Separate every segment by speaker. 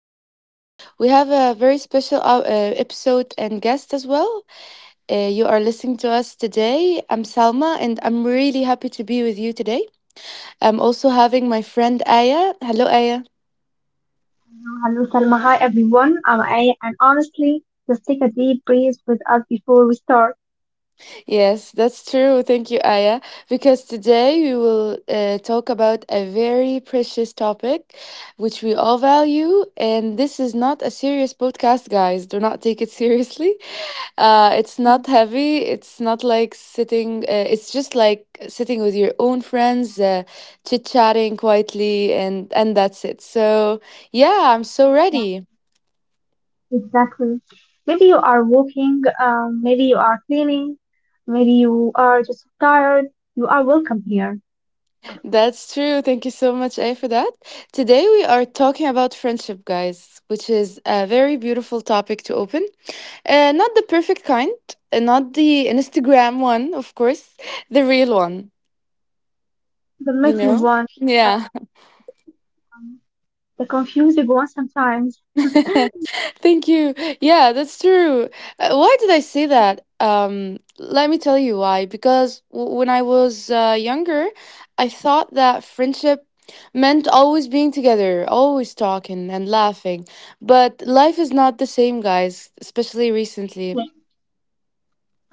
Speaker 1: today. We have a very special episode and guest as well. You are listening to us today. I'm Salma, and I'm really happy to be with you today. I'm also having my friend Aya. Hello, Aya.
Speaker 2: Hello, Salma. Hi, everyone. I'm Aya, and honestly, just take a deep breath with us before we start.
Speaker 1: Yes, that's true. Thank you, Aya. Because today we will talk about a very precious topic which we all value. And this is not a serious podcast, guys. Do not take it seriously. It's not heavy. It's not like it's just like sitting with your own friends, chit chatting quietly, and that's it. So, yeah, I'm so ready.
Speaker 2: Exactly. Maybe you are walking, maybe you are cleaning, maybe you are just tired. You are welcome here.
Speaker 1: That's true. Thank you so much, A, for that. Today we are talking about friendship, guys, which is a very beautiful topic to open. Not the perfect kind, not the Instagram one, of course, the real one,
Speaker 2: The
Speaker 1: you
Speaker 2: messy
Speaker 1: know?
Speaker 2: one, uh,
Speaker 1: Yeah.
Speaker 2: the, one, the confusing one sometimes. Next
Speaker 1: Thank you. Yeah, that's true. Why did I say that? Let me tell you why. Because w when I was younger, I thought that friendship meant always being together, always talking and laughing. But life is not the same, guys, especially recently.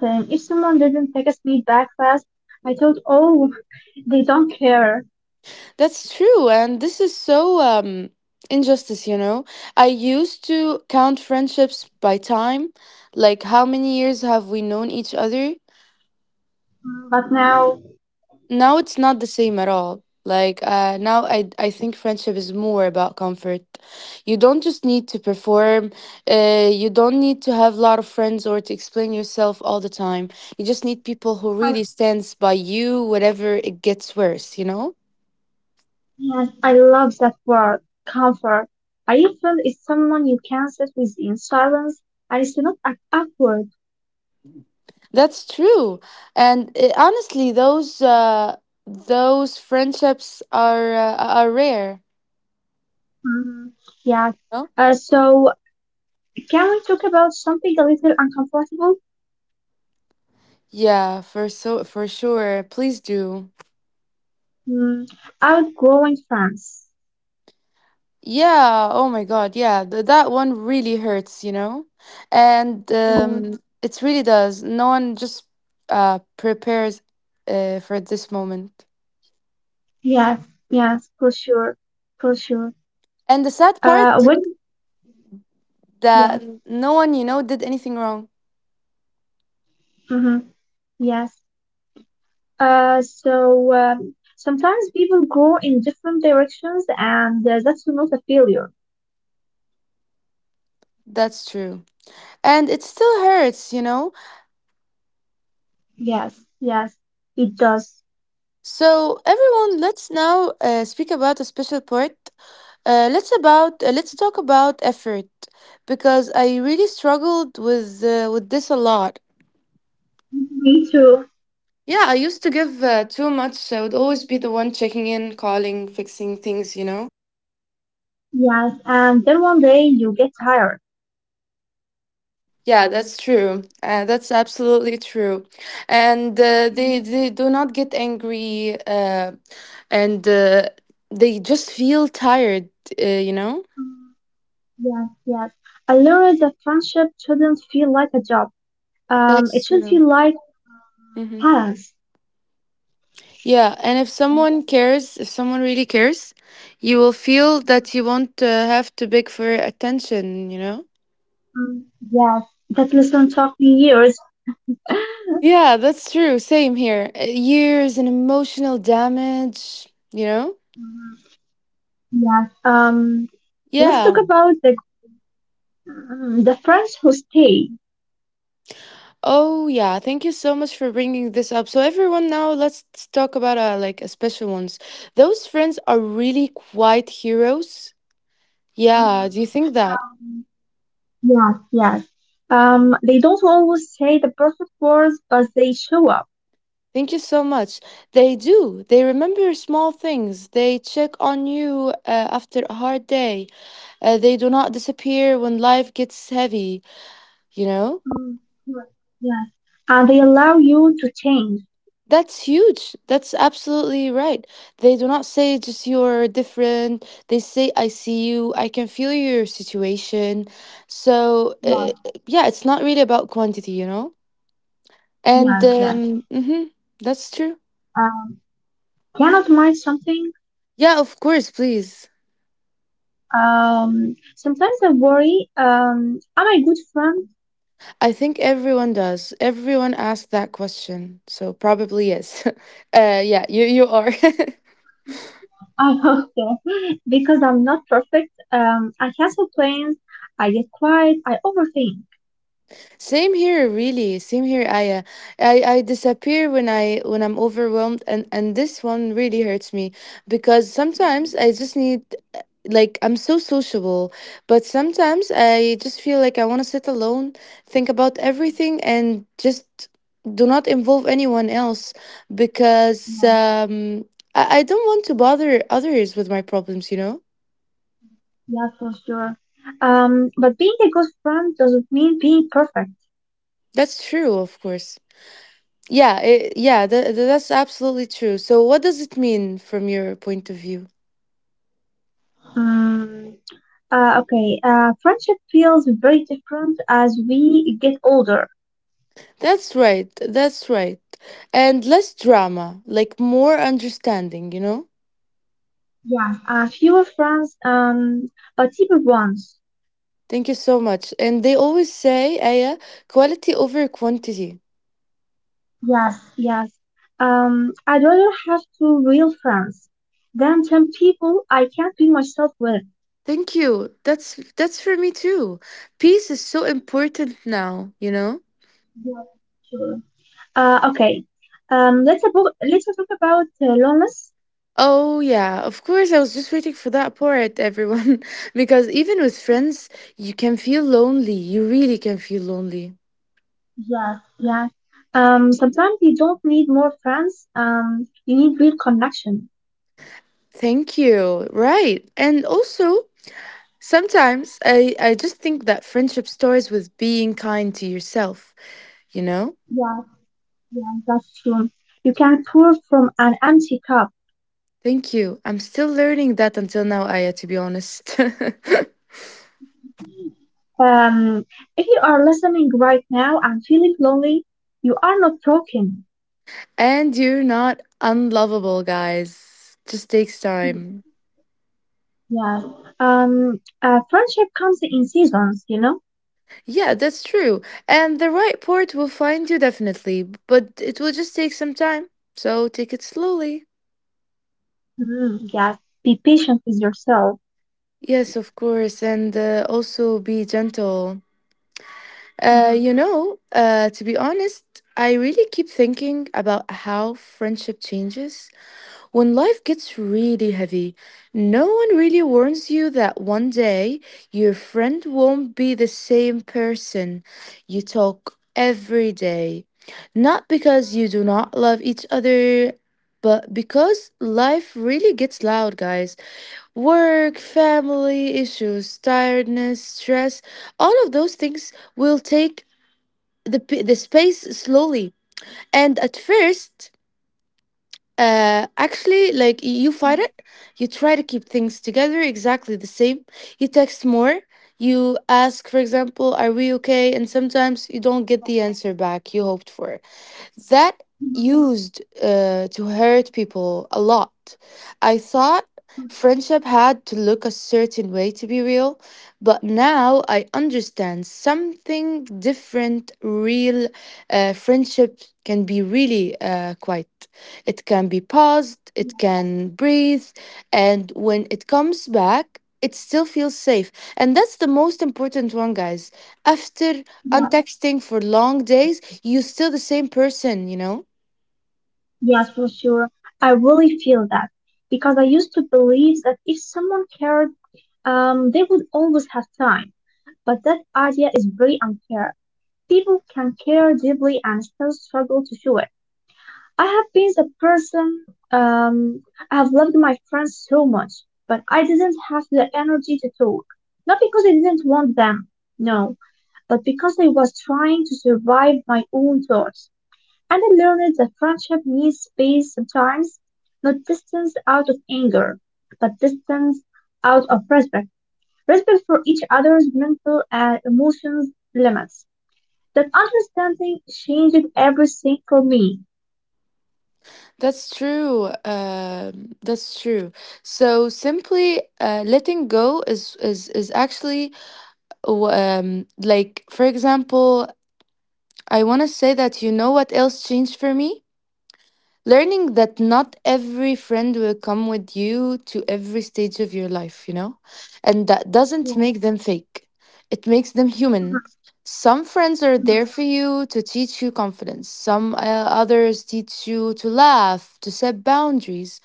Speaker 2: time, if someone didn't text me back fast, I thought, oh, they don't care.
Speaker 1: That's true, and this is so um injustice, you know. I used to count friendships by time, like how many years have we known each other?
Speaker 2: But now,
Speaker 1: Now it's not the same at all. Like now, I think friendship is more about comfort. You don't just need to perform. You don't need to have a lot of friends or to explain yourself all the time. You just need people who really stands by you whenever it gets worse, you know.
Speaker 2: yes, I love that word, comfort. I feel it's someone you can sit with in silence and it's not awkward.
Speaker 1: That's true. And honestly, those friendships are rare.
Speaker 2: Mhm. Yes.
Speaker 1: No?
Speaker 2: Uh, so, can we talk about something a little uncomfortable?
Speaker 1: Yeah, for sure. Please do.
Speaker 2: Mm, outgrowing friends.
Speaker 1: Yeah, oh my God, yeah, th that one really hurts, you know? And
Speaker 2: Yeah.
Speaker 1: it really does. No one just prepares for this moment.
Speaker 2: Yes, yes, for sure, for sure.
Speaker 1: And the sad part
Speaker 2: When, yes,
Speaker 1: that no one, you know, did anything wrong.
Speaker 2: hmm yes. Sometimes people grow in different directions and that's not a failure.
Speaker 1: That's true. And it still hurts, you know?
Speaker 2: Yes, yes, it does.
Speaker 1: So everyone, let's now speak about a special part. Let's talk about effort because I really struggled with with this a lot.
Speaker 2: Me too.
Speaker 1: Yeah, I used to give too much. So I would always be the one checking in, calling, fixing things, you know?
Speaker 2: Yes, and then one day you get tired.
Speaker 1: Yeah, that's true. That's absolutely true. And they,
Speaker 2: Mhm.
Speaker 1: they do not get angry, and they just feel tired, you know?
Speaker 2: Mm, yes, yes. I learned that friendship shouldn't feel like a job.
Speaker 1: That's
Speaker 2: It should
Speaker 1: true.
Speaker 2: feel like
Speaker 1: Hmm.
Speaker 2: balance.
Speaker 1: Yeah, and if someone cares, if someone really cares, you will feel that you won't have to beg for attention, you know?
Speaker 2: Mm, Yes, that lesson took me years.
Speaker 1: Yeah, that's true. Same here. Years and emotional damage, you know?
Speaker 2: Mhm. Yes. Let's talk
Speaker 1: Yeah.
Speaker 2: about the friends who stay.
Speaker 1: Oh, yeah. Thank you so much for bringing this up. So everyone now, let's talk about like a special ones. Those friends are really quite heroes. Yeah, do you
Speaker 2: Mm-hmm.
Speaker 1: think that?
Speaker 2: Yes, yes. They don't always say the perfect words, but they show up.
Speaker 1: Thank you so much. They do. They remember small things. They check on you after a hard day. They do not disappear when life gets heavy, you know?
Speaker 2: Mm, right. Yes. And they allow you to change.
Speaker 1: That's huge. That's absolutely right. They do not say just you're different. They say I see you. I can feel your situation. So
Speaker 2: Yes.
Speaker 1: yeah, it's not really about quantity, you know. And
Speaker 2: Yes. Yes.
Speaker 1: hmm That's true.
Speaker 2: Um, cannot mind something.
Speaker 1: Yeah, of course. Please.
Speaker 2: Sometimes I worry. Am I good friend?
Speaker 1: I think everyone does. Everyone asks that question. So probably yes. Yeah, you are.
Speaker 2: I hope so, because I'm not perfect. I cancel plans. I get quiet. I overthink.
Speaker 1: Same here, really. Same here, Aya. I disappear when I'm overwhelmed, and this one really hurts me because sometimes I just need like I'm so sociable, but sometimes I just feel like I want to sit alone, think about everything, and just do not involve anyone else because
Speaker 2: No, yeah,
Speaker 1: I don't want to bother others with my problems, you know.
Speaker 2: yeah, yeah, for sure. But being a good friend doesn't mean being perfect.
Speaker 1: That's true, of course. Yeah, yeah, that's absolutely true. So, what does it mean from your point of view?
Speaker 2: Mm, okay, friendship feels very different as we get older.
Speaker 1: That's right, that's right. And less drama, like more understanding, you know?
Speaker 2: Yes, a few friends, but deeper ones.
Speaker 1: Thank you so much. And they always say, Aya, quality over quantity.
Speaker 2: Yes, yes. I'd rather have two real friends than ten people I can't be myself with.
Speaker 1: Thank you. That's for me too. Peace is so important now, you know?
Speaker 2: Yeah, sure. Okay. Let's talk about loneliness.
Speaker 1: Oh yeah, of course I was just waiting for that part, everyone. Because even with friends, you can feel lonely. You really can feel lonely.
Speaker 2: Yes, yes. Sometimes you don't need more friends. You need real connection.
Speaker 1: Thank you. Right. And also, sometimes I just think that friendship starts with being kind to yourself, you know?
Speaker 2: Yeah, yeah, that's true. You can pour from an empty cup.
Speaker 1: Thank you. I'm still learning that until now, Aya, to be honest.
Speaker 2: Um, if you are listening right now and feeling lonely, you are not broken.
Speaker 1: And you're not unlovable, guys. Just takes time.
Speaker 2: Yes. Friendship comes in seasons, you know?
Speaker 1: Yeah, that's true. And the right port will find you definitely, but it will just take some time. So take it slowly.
Speaker 2: Mhm. Yes. Be patient with yourself.
Speaker 1: Yes, of course. And also be gentle.
Speaker 2: Mhm.
Speaker 1: To be honest, I really keep thinking about how friendship changes when life gets really heavy. No one really warns you that one day your friend won't be the same person you talk every day. Not because you do not love each other, but because life really gets loud, guys. Work, family issues, tiredness, stress, all of those things will take the space slowly, and at first actually like you fight it, you try to keep things together exactly the same, you text more, you ask for example are we okay, and sometimes you don't get the answer back you hoped for. That used to hurt people a lot. I thought friendship had to look a certain way to be real, but now I understand something different. Real friendship can be really quiet, it can be paused, it can breathe, and when it comes back, it still feels safe. And that's the most important one, guys. After
Speaker 2: Yeah,
Speaker 1: untexting for long days, you're still the same person, you know?
Speaker 2: yes, for sure. I really feel that because I used to believe that if someone cared, they would always have time. But that idea is very unfair. People can care deeply and still struggle to show it. I have been the person, um, I have loved my friends so much, but I didn't have the energy to talk. Not because I didn't want them, no, but because I was trying to survive my own thoughts. And I learned that friendship needs space sometimes, not distance out of anger, but distance out of respect. Respect for each other's mental and emotions limits. That understanding changed everything for me.
Speaker 1: That's true. That's true. So simply letting go is actually like for example, I want to say that you know what else changed for me? Learning that not every friend will come with you to every stage of your life, you know? And that doesn't make them fake, it makes them human. Some friends are there for you to teach you confidence, some others teach you to laugh, to set boundaries,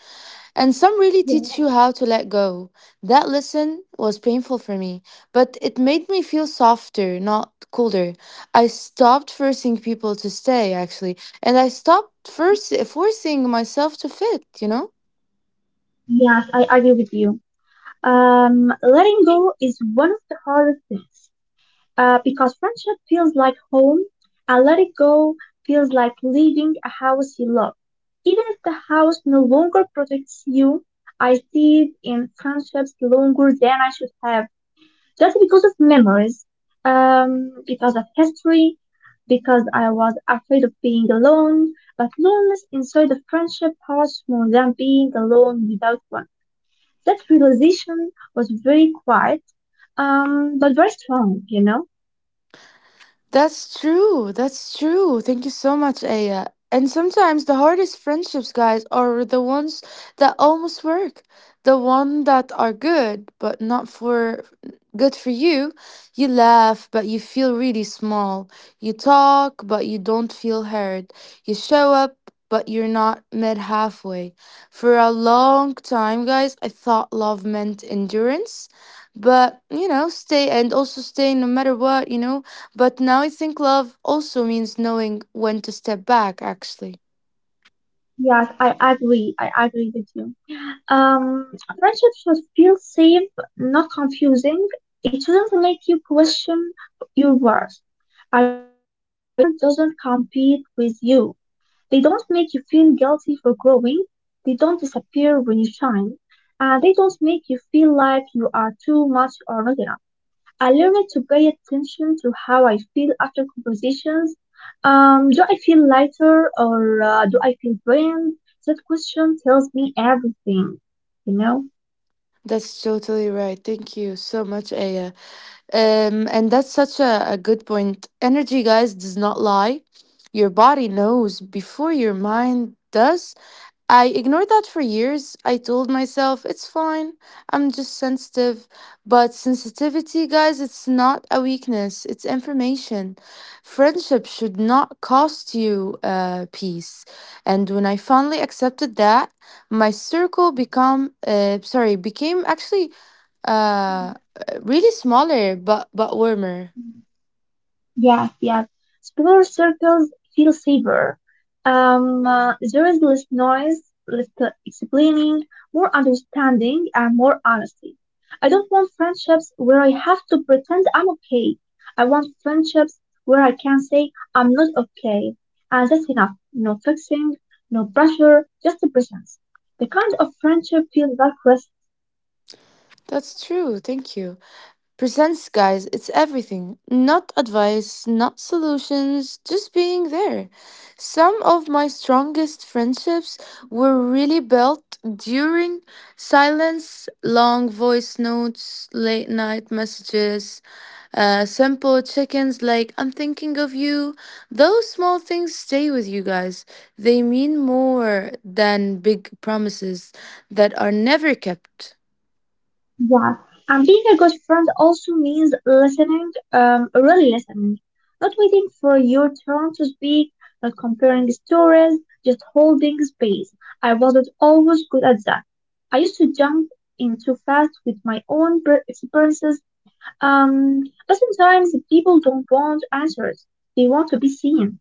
Speaker 1: and some really
Speaker 2: Yeah.
Speaker 1: teach you how to let go. That lesson was painful for me, but it made me feel softer, not colder. I stopped forcing people to stay, actually, and I stopped first forcing myself to fit, you know?
Speaker 2: Yes, I agree with you. Letting go is one of the hardest things because friendship feels like home, and letting go feels like leaving a house you love. Even if the house no longer protects you, I stayed in friendships longer than I should have, just because of memories, because of history, because I was afraid of being alone. But loneliness inside a friendship hurts more than being alone without one. That realization was very quiet, but very strong, you know?
Speaker 1: That's true. That's true. Thank you so much, Aya. And sometimes the hardest friendships, guys, are the ones that almost work. The one that are good, but not for good for you. You laugh, but you feel really small. You talk, but you don't feel heard. You show up, but you're not met halfway. For a long time, guys, I thought love meant endurance. But, you know, stay and also stay no matter what, you know, but now I think love also means knowing when to step back, actually.
Speaker 2: Yes, I agree. I agree with you. Um, friendship should feel safe, not confusing. It shouldn't make you question your worth. A real friend doesn't compete with you. They don't make you feel guilty for growing. They don't disappear when you shine. And they don't make you feel like you are too much or not enough. I learned to pay attention to how I feel after compositions. Do I feel lighter or do I feel drained? That question tells me everything, you know?
Speaker 1: That's totally right. Thank you so much, Aya. And that's such a good point. Energy, guys, does not lie. Your body knows before your mind does. I ignored that for years. I told myself, it's fine. I'm just sensitive. But sensitivity, guys, it's not a weakness, it's information. Friendship should not cost you peace. And when I finally accepted that, my circle became actually, uh, really smaller, but warmer.
Speaker 2: Yes, yes. Smaller circles feel safer. There is less noise, less explaining, more understanding, and more honesty. I don't want friendships where I have to pretend I'm okay. I want friendships where I can say I'm not okay, and that's enough. No fixing, no pressure, just the presence. The kind of friendship feels like
Speaker 1: That's true. Thank you. Presence, guys, it's everything. Not advice, not solutions, just being there. Some of my strongest friendships were really built during silence, long voice notes, late night messages, simple ins like I'm thinking of you. Those small things stay with you guys. They mean more than big promises that are never kept.
Speaker 2: yeah, and being a good friend also means listening, really listening, not waiting for your turn to speak, not comparing stories, just holding space. I wasn't always good at that. I used to jump in too fast with my own experiences, but sometimes people don't want answers. They want to be seen.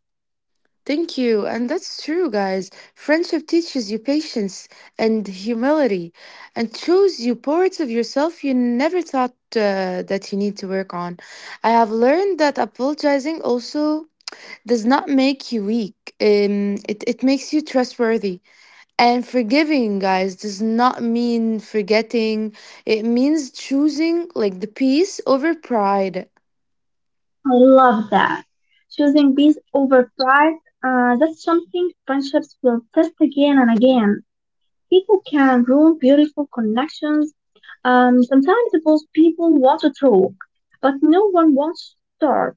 Speaker 1: Thank you. And that's true, guys. Friendship teaches you patience and humility and shows you parts of yourself you never thought that you need to work on. I have learned that apologizing also does not make you weak, it makes you trustworthy. And forgiving, guys, does not mean forgetting, it means choosing like the peace over pride.
Speaker 2: I love that. Choosing peace over pride, that's something friendships will test again and again. People can ruin beautiful connections. Sometimes both people want to talk, but no one wants to start,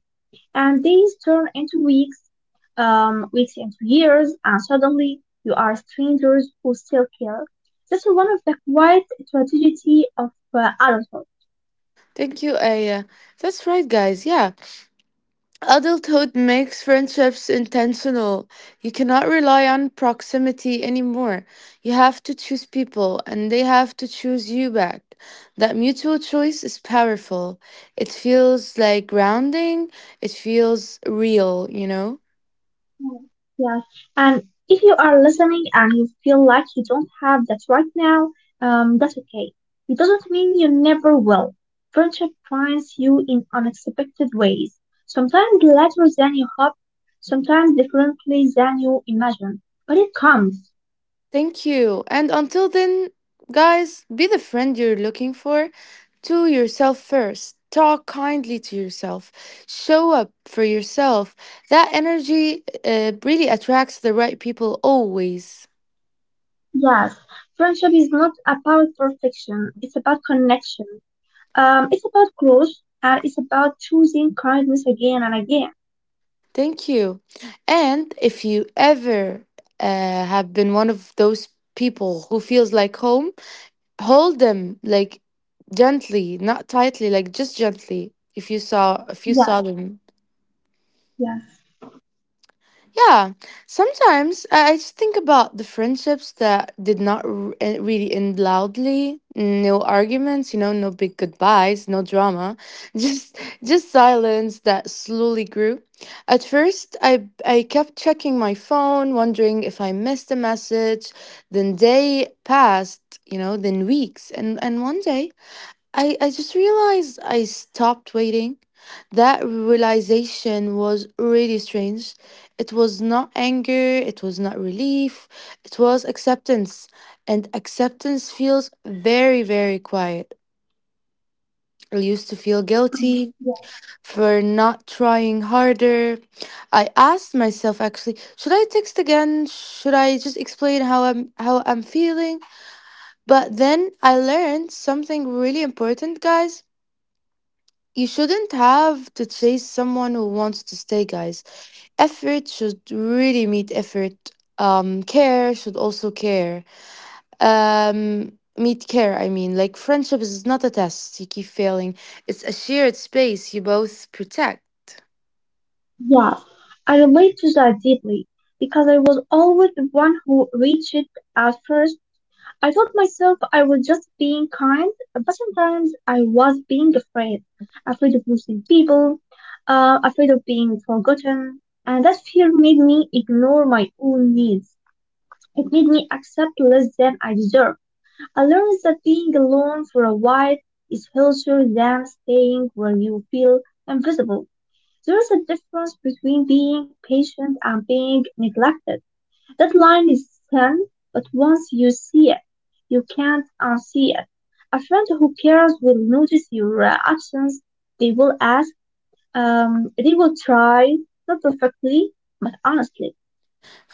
Speaker 2: and days turn into weeks, weeks into years, and suddenly you are strangers who still care. That's one of the quiet tragedy of adulthood.
Speaker 1: Thank you, Aya. That's right, guys. Yeah. Adulthood makes friendships intentional. You cannot rely on proximity anymore. You have to choose people, and they have to choose you back. That mutual choice is powerful. It feels like grounding, it feels real, you know?
Speaker 2: Mm, yes, and if you are listening and you feel like you don't have that right now, that's okay. It doesn't mean you never will. Friendship finds you in unexpected ways, sometimes later than you hope, sometimes differently than you imagine. But it comes.
Speaker 1: Thank you. And until then, guys, be the friend you're looking for to yourself first. Talk kindly to yourself. Show up for yourself. That energy really attracts the right people always.
Speaker 2: Yes, friendship is not about perfection, it's about connection. It's about growth, and it's about choosing kindness again and again.
Speaker 1: Thank you. And if you ever have been one of those people who feels like home, hold them like gently, not tightly, like just gently. If you saw if you
Speaker 2: Yes,
Speaker 1: saw them
Speaker 2: yes.
Speaker 1: Yeah, sometimes I just think about the friendships that did not really end loudly. No arguments, you know, no big goodbyes, no drama, just just silence that slowly grew. At first, I kept checking my phone, wondering if I missed a message. Then day passed, you know, then weeks, and one day I just realized I stopped waiting. That realization was really strange. It was not anger, it was not relief, it was acceptance. And acceptance feels very, very quiet. I used to feel
Speaker 2: Mm,
Speaker 1: guilty for not trying harder. I asked myself actually, should I text again? Should I just explain how I'm feeling? But then I learned something really important, guys. You shouldn't have to chase someone who wants to stay, guys. Effort should really meet effort. Care should also care. Meet care, I mean. Like, friendship is not a test you keep failing, it's a shared space you both protect.
Speaker 2: yeah, I relate to that deeply because I was always the one who reached it out first. I told myself I was just being kind, but sometimes I was being afraid. Afraid of losing people, afraid of being forgotten. And that fear made me ignore my own needs. It made me accept less than I deserve. I learned that being alone for a while is healthier than staying where you feel invisible. There is a difference between being patient and being neglected. That line is thin, but once you see it, you can't unsee it. A friend who cares will notice your actions. They will ask. They will try, not perfectly, but honestly.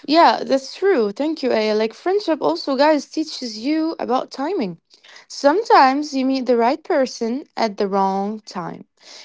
Speaker 1: Yeah, that's true. Thank you, Aya. Like friendship also, guys, teaches you about timing. Sometimes you meet the right person at the wrong time.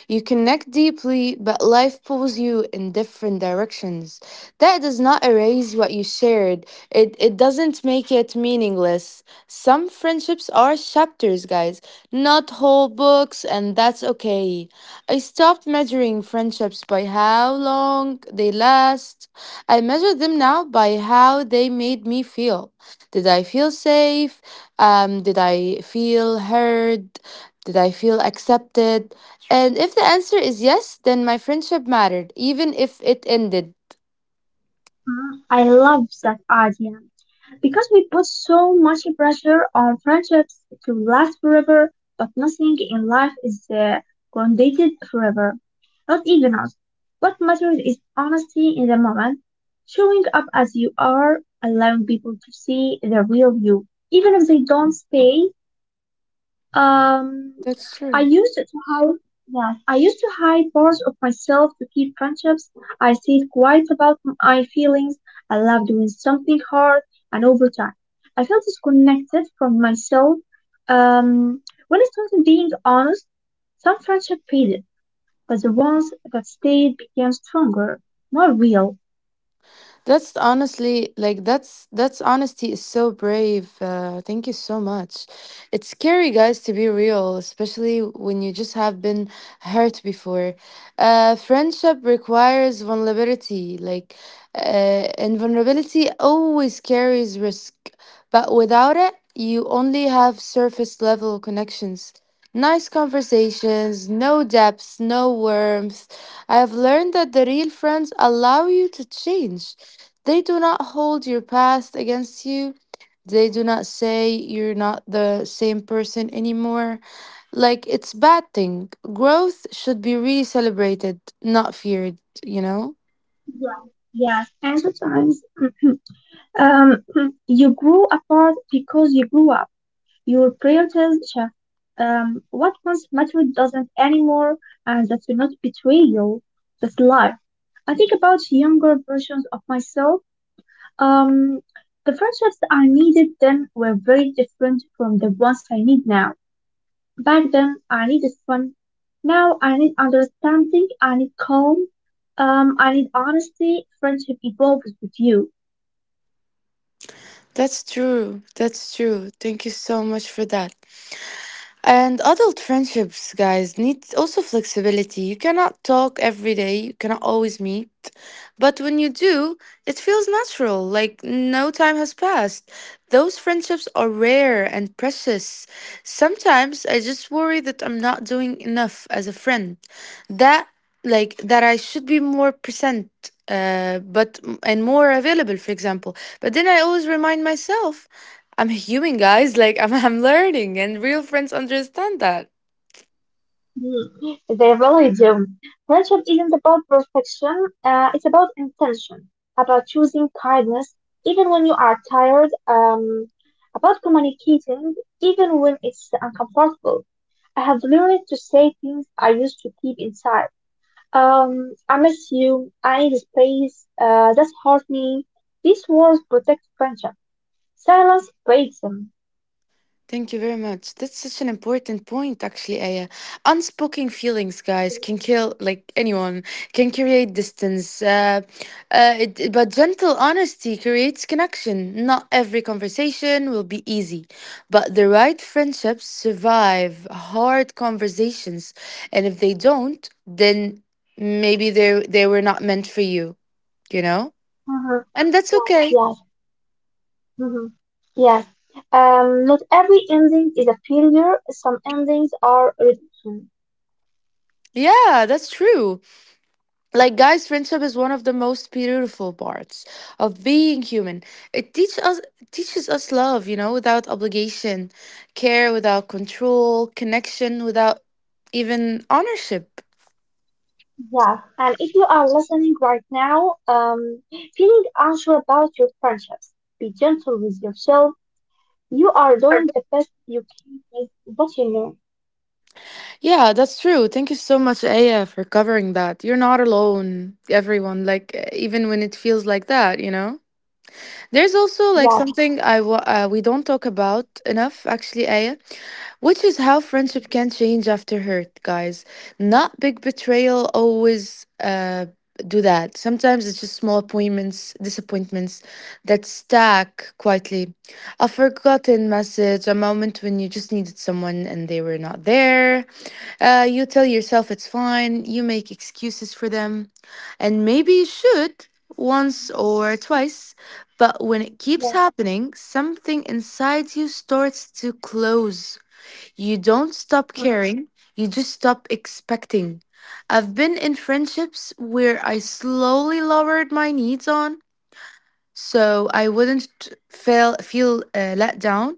Speaker 1: You connect deeply, but life pulls you in different directions. That does not erase what you shared. It doesn't make it meaningless. Some friendships are chapters, guys, not whole books, and that's okay. I stopped measuring friendships by how long they last. I measure them now by how they made me feel. Did I feel safe? Did I feel heard? Did I feel accepted? And if the answer is yes, then my friendship mattered, even if it ended.
Speaker 2: Mm, I love that idea, because we put so much pressure on friendships to last forever, but nothing in life is grounded forever. Not even us. What matters is honesty in the moment, showing up as you are, allowing people to see the real you, even if they don't stay. um,
Speaker 1: That's
Speaker 2: I
Speaker 1: true.
Speaker 2: used to hide. Yeah, I used to hide parts of myself to keep friendships. I stayed quiet about my feelings. I loved doing something hard, and over time, I felt disconnected from myself. Um, when I started being honest, some friendships faded, but the ones that stayed became stronger, more real.
Speaker 1: That's honestly that's honesty is so brave. Thank you so much. It's scary, guys, to be real, especially when you just have been hurt before. Friendship requires vulnerability. And vulnerability always carries risk, but without it, you only have surface level connections. Nice conversations, no depths, no warmth. I have learned that the real friends allow you to change. They do not hold your past against you. They do not say you're not the same person anymore. Like it's bad thing. Growth should be really celebrated, not feared, you know?
Speaker 2: Yeah. Yes, and sometimes um, you grew apart because you grew up. Your priorities shift. What once mattered doesn't anymore, and that's not betrayal. That's life. I think about younger versions of myself. Um, the friendships I needed then were very different from the ones I need now. Back then, I needed fun. Now, I need understanding. I need calm. I need honesty. Friendship evolves with you.
Speaker 1: That's true. That's true. Thank you so much for that. And adult friendships, guys, need also flexibility. You cannot talk every day, you cannot always meet. But when you do, it feels natural, like no time has passed. Those friendships are rare and precious. Sometimes I just worry that I'm not doing enough as a friend. That, like, that I should be more present. But and more available, for example. But then I always remind myself I'm human, guys. Like I'm learning, and real friends understand that.
Speaker 2: Mm, they really do. Friendship isn't about perfection, it's about intention, about choosing kindness even when you are tired, about communicating even when it's uncomfortable. I have learned to say things I used to keep inside. I miss you, I need space, that's hurt me. These words protect friendship. Silence breaks them.
Speaker 1: Thank you very much. That's such an important point, actually, Aya. Unspoken feelings, guys, can kill like anyone. Can create distance, but gentle honesty creates connection. Not every conversation will be easy, but the right friendships survive hard conversations, and if they don't, then maybe they were not meant for you. You know,
Speaker 2: Mhm.
Speaker 1: and that's
Speaker 2: Yeah,
Speaker 1: okay.
Speaker 2: yeah. Mhm. Yes. Not every ending is a failure. Some endings are redemption.
Speaker 1: Yeah, that's true. Like, guys, friendship is one of the most beautiful parts of being human. It teaches us love, you know, without obligation, care without control, connection without even ownership.
Speaker 2: Yeah. And if you are listening right now, feeling unsure about your friendships, be gentle with yourself. You are doing the best you can with what you know.
Speaker 1: Yeah, that's true. Thank you so much, Aya, for covering that. You're not alone, everyone. Like, even when it feels like that, you know. There's also like
Speaker 2: Yeah.
Speaker 1: something we don't talk about enough, actually, Aya, which is how friendship can change after hurt, guys. Not big betrayal always do that. Sometimes it's just small disappointments that stack quietly. A forgotten message, a moment when you just needed someone and they were not there, you tell yourself it's fine, you make excuses for them, and maybe you should once or twice, but when it keeps
Speaker 2: Yeah.
Speaker 1: happening, something inside you starts to close. You don't stop caring, you just stop expecting. I've been in friendships where I slowly lowered my needs on so I wouldn't feel let down.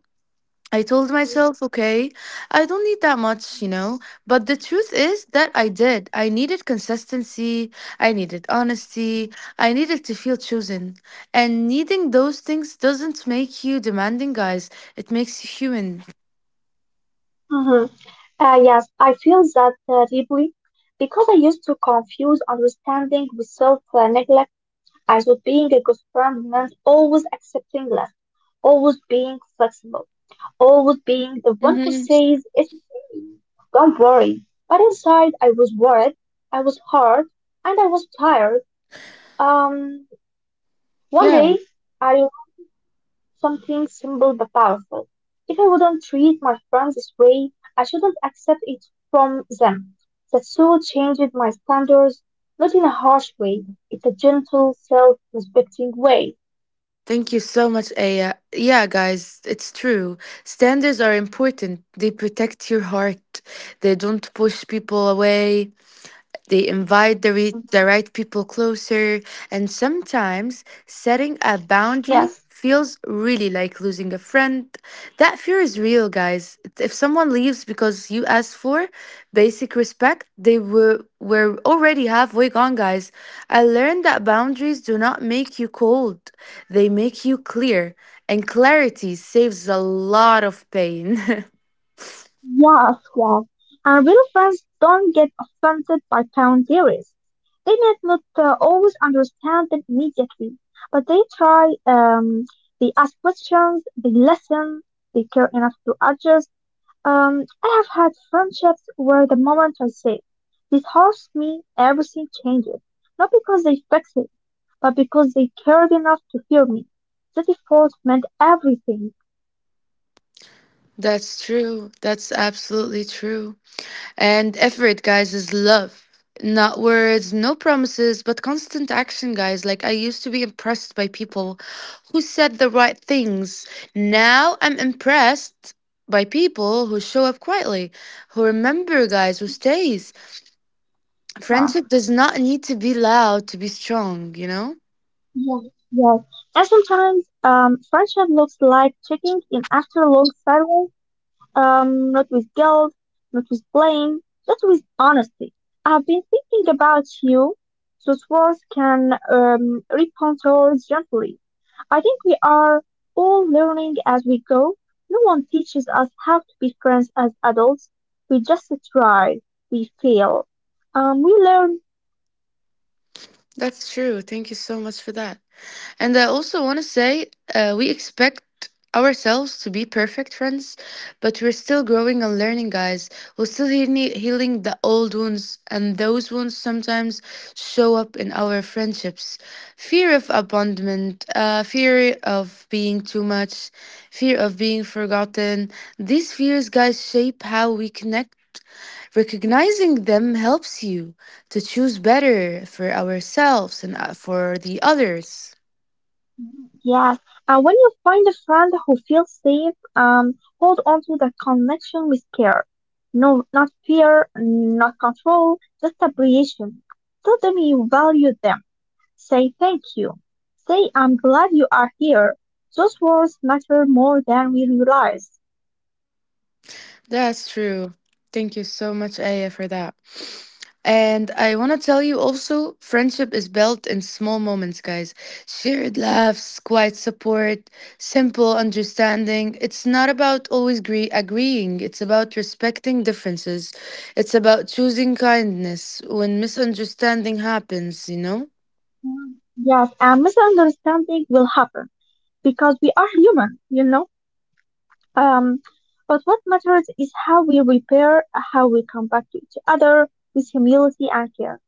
Speaker 1: I told myself, okay, I don't need that much, you know. But the truth is that I did. I needed consistency. I needed honesty. I needed to feel chosen. And needing those things doesn't make you demanding, guys. It makes you human.
Speaker 2: Mm-hmm. Yes, I feel that deeply because I used to confuse understanding with self-neglect, as with being a good friend meant always accepting less, always being flexible, always being the one who
Speaker 1: Hmm.
Speaker 2: says, it, don't worry. But inside, I was worried, I was hurt, and I was tired. Um, one
Speaker 1: Yeah.
Speaker 2: day, I learned something simple but powerful. If I wouldn't treat my friends this way, I shouldn't accept it from them. That soul changed my standards, not in a harsh way, in a gentle, self-respecting way.
Speaker 1: Thank you so much, Aya. Yeah, guys, it's true. Standards are important. They protect your heart. They don't push people away. They invite
Speaker 2: Hmm.
Speaker 1: the right people closer, and sometimes
Speaker 2: Yes,
Speaker 1: setting a boundary feels really like losing a friend. That fear is real, guys. If someone leaves because you asked for basic respect, were already halfway gone, guys. I learned that boundaries do not make you cold, they make you clear, and clarity saves a lot of pain.
Speaker 2: yes, yes. And real friends don't get offended by fan theories. They might not always understand them immediately, but they try, they ask questions, they listen, they care enough to adjust. I have had friendships where the moment I say, this hurts me, everything changes. Not because they fix it, but because they cared enough to hear me. That effort meant everything.
Speaker 1: That's true. That's absolutely true. And effort, guys, is love. Not words, no promises, but constant action, guys. Like, I used to be impressed by people who said the right things. Now I'm impressed by people who show up quietly, who remember, guys, who stays.
Speaker 2: Wow.
Speaker 1: Friendship does not need to be loud to be strong, you know?
Speaker 2: Yeah, yes. And sometimes friendship looks like checking in after a long silence, not with guilt, not with blame, but with honesty. I've been thinking about you. Those words can recontour gently. I think we are all learning as we go. No one teaches us how to be friends as adults. We just try. We fail. We learn.
Speaker 1: That's true. Thank you so much for that. And I also want to say we expect ourselves to be perfect friends, but we're still growing and learning, guys. We're still healing the old wounds, and those wounds sometimes show up in our friendships. Fear of abandonment, fear of being too much, fear of being forgotten. These fears, guys, shape how we connect. Recognizing them helps you to choose better for ourselves and for the others.
Speaker 2: Yes, when you find a friend who feels safe, hold on to that connection with care. No, not fear, not control, just appreciation. Tell them you value them. Say thank you. Say I'm glad you are here. Those words matter more than we realize.
Speaker 1: That's true. Thank you so much, Aya, for that. And I want to tell you also friendship is built in small moments, guys. Shared laughs, quiet support, simple understanding. It's not about agreeing, it's about respecting differences. It's about choosing kindness when misunderstanding happens, you know?
Speaker 2: Mm. Yes, and misunderstanding will happen because we are human, you know? Um, but what matters is how we repair, how we come back to each other with humility and care.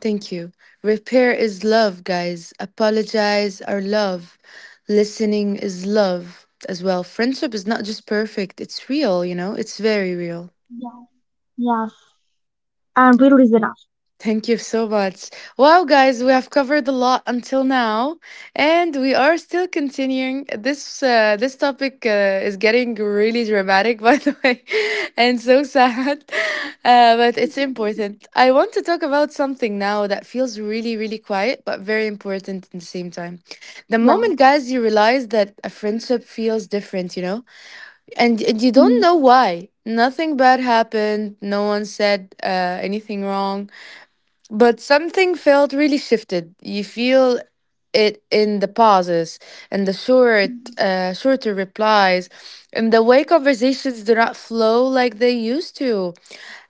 Speaker 1: Thank you. Repair is love, guys. Apologize are love. Listening is love as well. Friendship is not just perfect, it's real, you know, it's very real.
Speaker 2: Yeah. Yes. And really is enough.
Speaker 1: Thank you so much. Wow, guys, we have covered a lot until now, and we are still continuing. This topic is getting really dramatic, by the way, and so sad, but it's important. I want to talk about something now that feels really, really quiet, but very important at the same time. The
Speaker 2: Right.
Speaker 1: moment, guys, you realize that a friendship feels different, you know, and you don't
Speaker 2: Mhm.
Speaker 1: know why. Nothing bad happened. No one said anything wrong, but something felt really shifted. You feel it in the pauses, in the shorter replies, in the way conversations do not flow like they used to.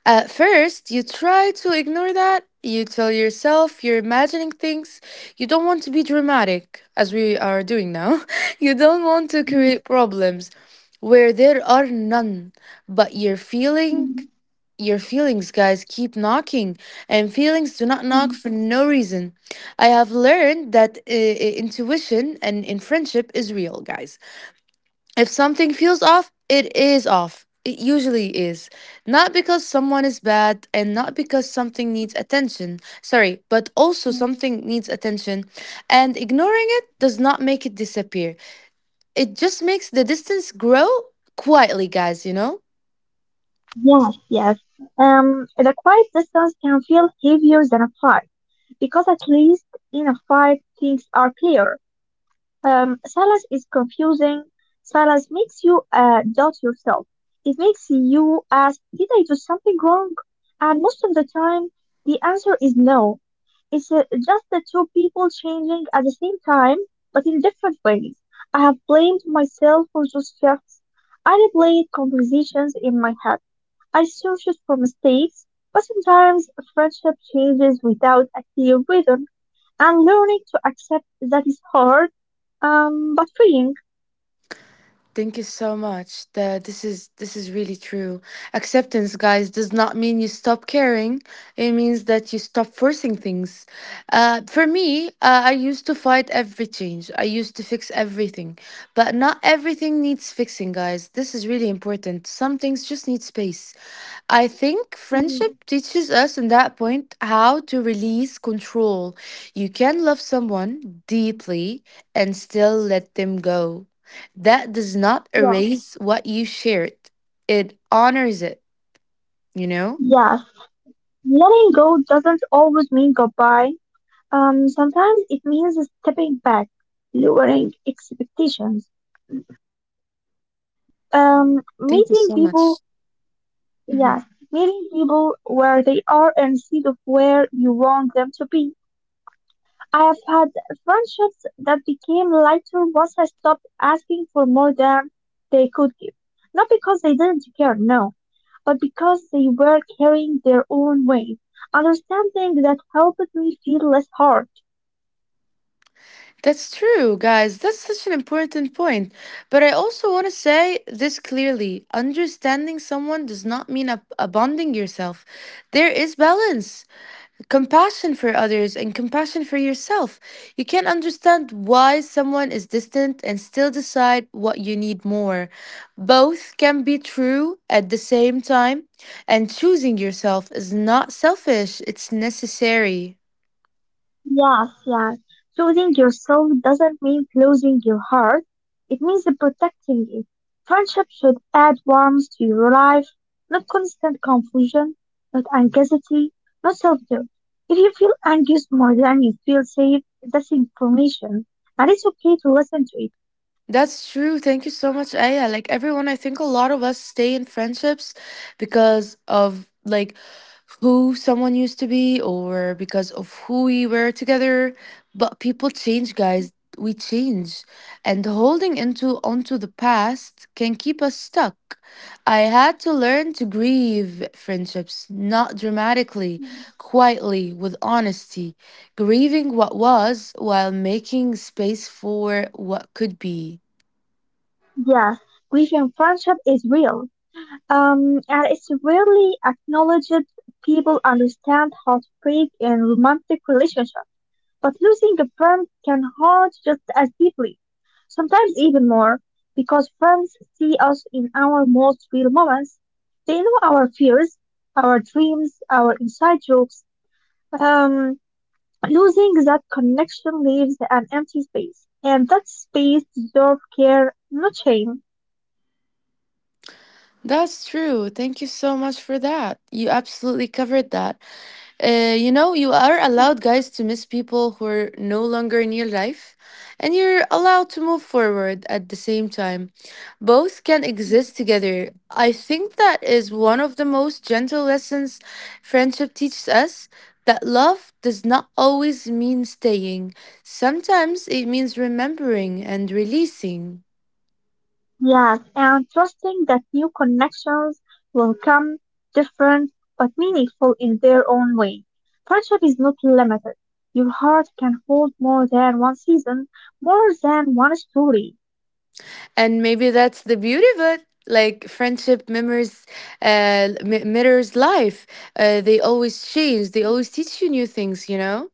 Speaker 1: At first, you try to ignore that. You tell yourself you're imagining things. You don't want to be dramatic, as we are doing now. You don't want to create problems where there are none, but you're feeling your feelings, guys, keep knocking, and feelings do not knock for no reason. I have learned that intuition and in friendship is real, guys. If something feels off, it is off. It usually is. Not because someone is bad and not because something needs attention. Sorry, but also something needs attention. And ignoring it does not make it disappear. It just makes the distance grow quietly, guys, you know?
Speaker 2: Yes, yes. The quiet distance can feel heavier than a fight because at least in a fight things are clear. Silas is confusing. Silence makes you doubt yourself. It makes you ask, did I do something wrong? And most of the time, the answer is no. It's just the two people changing at the same time, but in different ways. I have blamed myself for those shifts. I replayed conversations in my head. I searched for mistakes, but sometimes friendship changes without a clear reason, and learning to accept that is hard, but freeing.
Speaker 1: Thank you so much. That this is really true. Acceptance, guys, does not mean you stop caring. It means that you stop forcing things. For me, I used to fight every change. I used to fix everything, but not everything needs fixing, guys. This is really important. Some things just need space. I think
Speaker 2: Mhm.
Speaker 1: friendship teaches us in that point how to release control. You can love someone deeply and still let them go. That does not
Speaker 2: Yeah.
Speaker 1: erase what you shared. It honors it, you know?
Speaker 2: Yes, letting go doesn't always mean goodbye. Sometimes it means stepping back, lowering expectations,
Speaker 1: Thank you so much.
Speaker 2: meeting people,
Speaker 1: Mhm.
Speaker 2: yes, meeting people where they are instead of where you want them to be. I have had friendships that became lighter once I stopped asking for more than they could give. Not because they didn't care, no, but because they were carrying their own weight. Understanding that helped me feel less hurt.
Speaker 1: That's true, guys. That's such an important point. But I also want to say this clearly, understanding someone does not mean abandoning yourself. There is balance, compassion for others, and compassion for yourself. You can not understand why someone is distant and still decide what you need more. Both can be true at the same time, and choosing yourself is not selfish, it's necessary.
Speaker 2: Yes, yes. Choosing yourself doesn't mean closing your heart. It means protecting it. Friendship should add warmth to your life, not constant confusion, not anxiety, not self-doubt. If you feel anxious more than you feel safe, that's information, and it's okay to listen to it.
Speaker 1: That's true. Thank you so much, Aya. Like everyone, I think a lot of us stay in friendships because of like who someone used to be or because of who we were together. But people change, guys. We change. And holding into onto the past can keep us stuck. I had to learn to grieve friendships, not dramatically, quietly, with honesty, grieving what was while making space for what could be.
Speaker 2: Yes, grief in friendship is real. And it's rarely acknowledged. People understand heartbreak in romantic relationships, but losing a friend can hurt just as deeply, sometimes even more, because friends see us in our most real moments. They know our fears, our dreams, our inside jokes. Um, Losing that connection leaves an empty space, and that space deserves care, not shame.
Speaker 1: That's true. Thank you so much for that. You absolutely covered that. You are allowed, guys, to miss people who are no longer in your life, and you're allowed to move forward at the same time. Both can exist together. I think that is one of the most gentle lessons friendship teaches us that love does not always mean staying, sometimes it means remembering and releasing.
Speaker 2: Yes, and trusting that new connections will come, different but meaningful in their own way. Friendship is not limited. Your heart can hold more than one season, more than one story.
Speaker 1: And maybe that's the beauty of it, like friendship mirrors mirrors life. They always change, they always teach you new things.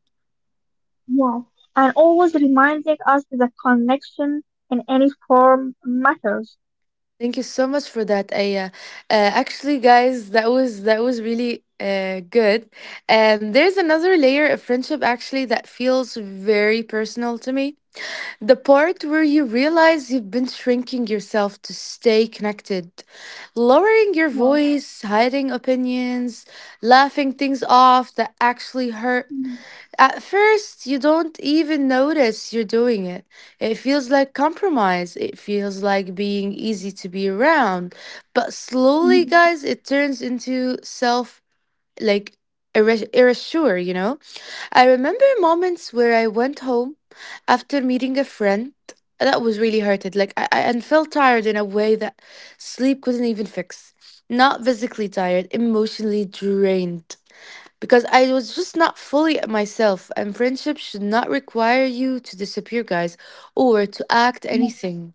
Speaker 2: Yes, and always reminding us that connection in any form matters.
Speaker 1: Thank you so much for that, Aya. Actually guys, that was really good. And there's another layer of friendship actually that feels very personal to me. The part where you realize you've been shrinking yourself to stay connected, lowering your
Speaker 2: Yes,
Speaker 1: voice, hiding opinions, laughing things off that actually hurt. At first, you don't even notice you're doing it. It feels like compromise. It feels like being easy to be around. But slowly, guys, it turns into self, like, erasure, you know? I remember moments where I went home after meeting a friend that was really hurted, like and felt tired in a way that sleep couldn't even fix. Not physically tired, emotionally drained. Because I was just not fully myself, and friendship should not require you to disappear, guys, or to act anything,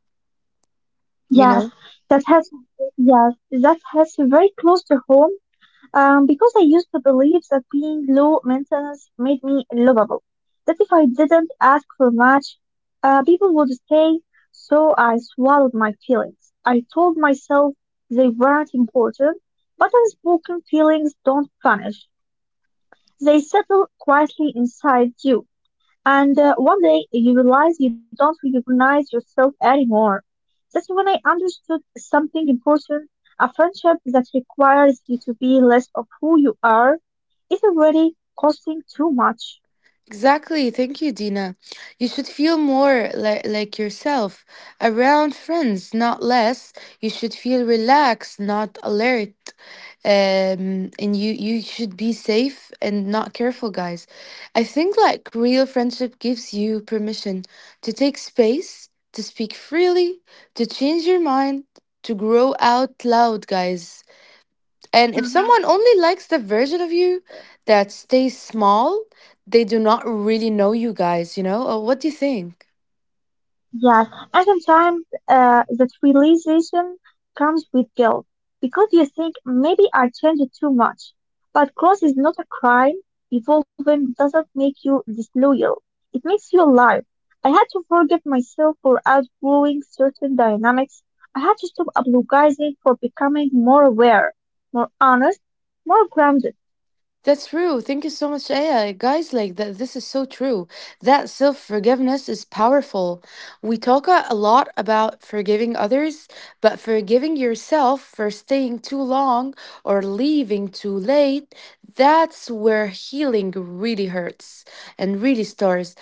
Speaker 1: you
Speaker 2: yes,
Speaker 1: know?
Speaker 2: that has yes, that has very close to home. Because I used to believe that being low maintenance made me lovable. That if I didn't ask for much, people would stay. So I swallowed my feelings. I told myself they weren't important, but unspoken feelings don't vanish. They settle quietly inside you. And one day you realize you don't recognize yourself anymore. That's when I understood something important. A friendship that requires you to be less of who you are is already costing too much.
Speaker 1: Exactly. Thank you, Dina. You should feel more like yourself around friends, not less. You should feel relaxed, not alert. Um, and you should be safe and not careful, guys. I think like real friendship gives you permission to take space, to speak freely, to change your mind, to grow out loud, guys. And if someone only likes the version of you that stays small, they do not really know you guys, you know? What do you think?
Speaker 2: Yes, and sometimes that realization comes with guilt because you think maybe I changed too much. But growth is not a crime. Evolving doesn't make you disloyal. It makes you alive. I had to forgive myself for outgrowing certain dynamics. I had to stop apologizing for becoming more aware, more honest, more grounded.
Speaker 1: That's true. Thank you so much, Aya. Guys, like that, this is so true. That self forgiveness is powerful. We talk a lot about forgiving others, but forgiving yourself for staying too long or leaving too late, that's where healing really hurts and really starts.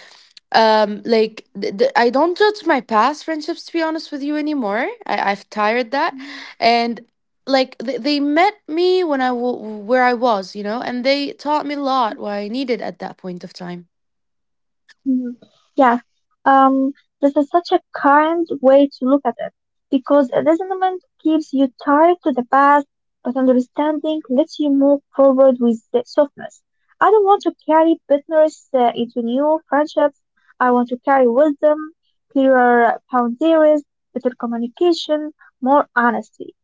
Speaker 1: I don't judge my past friendships to be honest with you anymore. I've tired that, and like they met me when I where I was, you know, and they taught me a lot what I needed at that point of time.
Speaker 2: Mhm. Yeah, um, this is such a kind way to look at it, because resentment keeps you tied to the past, but understanding lets you move forward with the softness. I don't want to carry bitterness into new friendships. I want to carry wisdom, clearer boundaries, better communication, more honesty.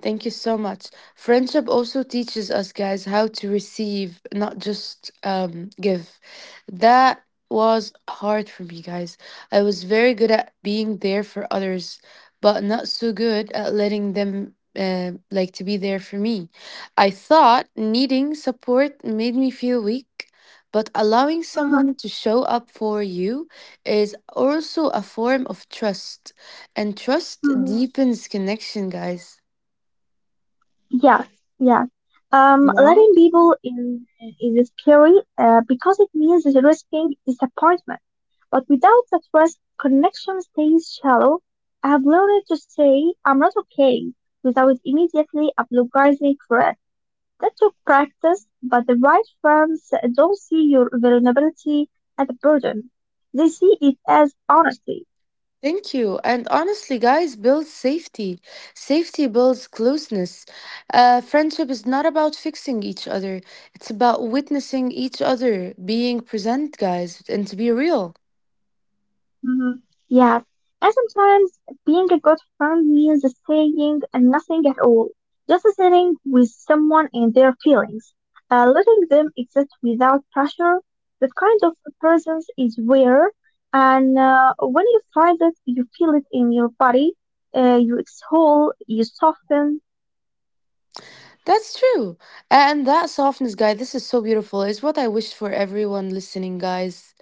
Speaker 1: Thank you so much. Friendship also teaches us guys how to receive, not just give. That was hard for me, guys. I was very good at being there for others, but not so good at letting them like to be there for me. I thought needing support made me feel weak, but allowing someone to show up for you is also a form of trust, and trust
Speaker 2: Mhm.
Speaker 1: deepens connection, guys.
Speaker 2: Yes, yes. Letting people in is scary because it means risking disappointment. But without that risk, connection stays shallow. I have learned to say I'm not okay without immediately apologizing for it. That took practice, but the right friends don't see your vulnerability as a burden. They see it as honesty.
Speaker 1: Thank you. And honestly, guys, builds safety. Safety builds closeness. Friendship is not about fixing each other, it's about witnessing each other, being present, guys, and to be real.
Speaker 2: Hmm. Yes, and sometimes being a good friend means saying nothing at all, just sitting with someone and their feelings, letting them exist without pressure. That kind of presence is rare, and when you find it, you feel it in your body. You exhale, you soften.
Speaker 1: That's true. And that softness, guys, this is so beautiful, is what I wished for everyone listening, guys.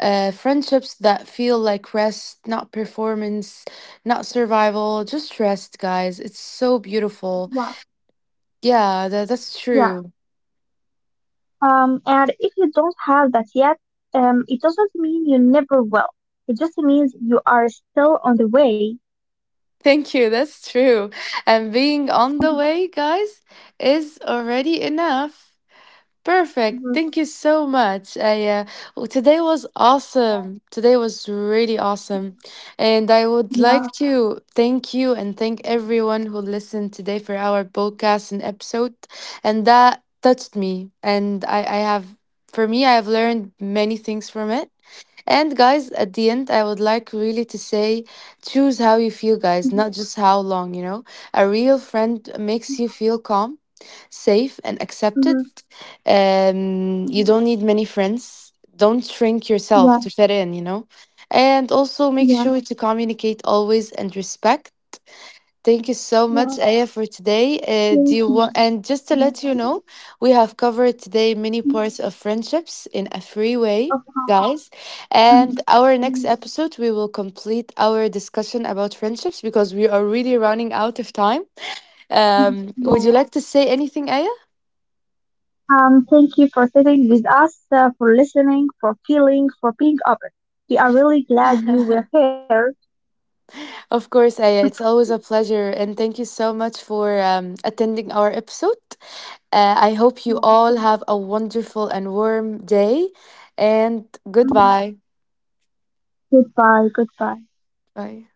Speaker 1: Friendships that feel like rest, not performance, not survival, just rest, guys. It's so beautiful.
Speaker 2: Wow.
Speaker 1: Yeah, that's
Speaker 2: Yeah.
Speaker 1: true.
Speaker 2: And if you don't have that yet, it doesn't mean you never will. It just means you are still on the way.
Speaker 1: Thank you. That's true. And being on the
Speaker 2: Mm-hmm.
Speaker 1: way, guys, is already enough. Perfect.
Speaker 2: Mm-hmm.
Speaker 1: Thank you so much. Today was awesome. Today was really awesome. And I would
Speaker 2: Yeah.
Speaker 1: like to thank you and thank everyone who listened today for our podcast and episode. And that touched me. And I have, for me, I have learned many things from it. And guys, at the end, I would like really to say choose how you feel,
Speaker 2: Mhm.
Speaker 1: guys, not just how long, you know. A real friend makes you feel calm, safe, and accepted.
Speaker 2: Mhm. Mhm.
Speaker 1: You don't need many friends. Don't shrink yourself
Speaker 2: Yeah.
Speaker 1: to fit in, you know. And also make
Speaker 2: Yeah.
Speaker 1: sure to communicate always and respect. Thank you so
Speaker 2: Yeah.
Speaker 1: much, Aya, for today. Do
Speaker 2: Thank
Speaker 1: you
Speaker 2: you.
Speaker 1: want? And just to let you
Speaker 2: Yeah.
Speaker 1: know, we have covered today many
Speaker 2: Mhm.
Speaker 1: parts of friendships in a free way,
Speaker 2: Of course.
Speaker 1: guys. And
Speaker 2: Mhm.
Speaker 1: our next
Speaker 2: Mhm.
Speaker 1: episode, we will complete our discussion about friendships because we are really running out of time.
Speaker 2: Mhm.
Speaker 1: Would you
Speaker 2: Yeah.
Speaker 1: like to say anything, Aya?
Speaker 2: Thank you for sitting with us, for listening, for feeling, for being open. We are really glad you were here.
Speaker 1: Of course, Aya. It's always a pleasure, and thank you so much for attending our episode. I hope you
Speaker 2: Yeah.
Speaker 1: all have a wonderful and warm day, and
Speaker 2: Mm-hmm.
Speaker 1: goodbye.
Speaker 2: Goodbye. Goodbye.
Speaker 1: Bye.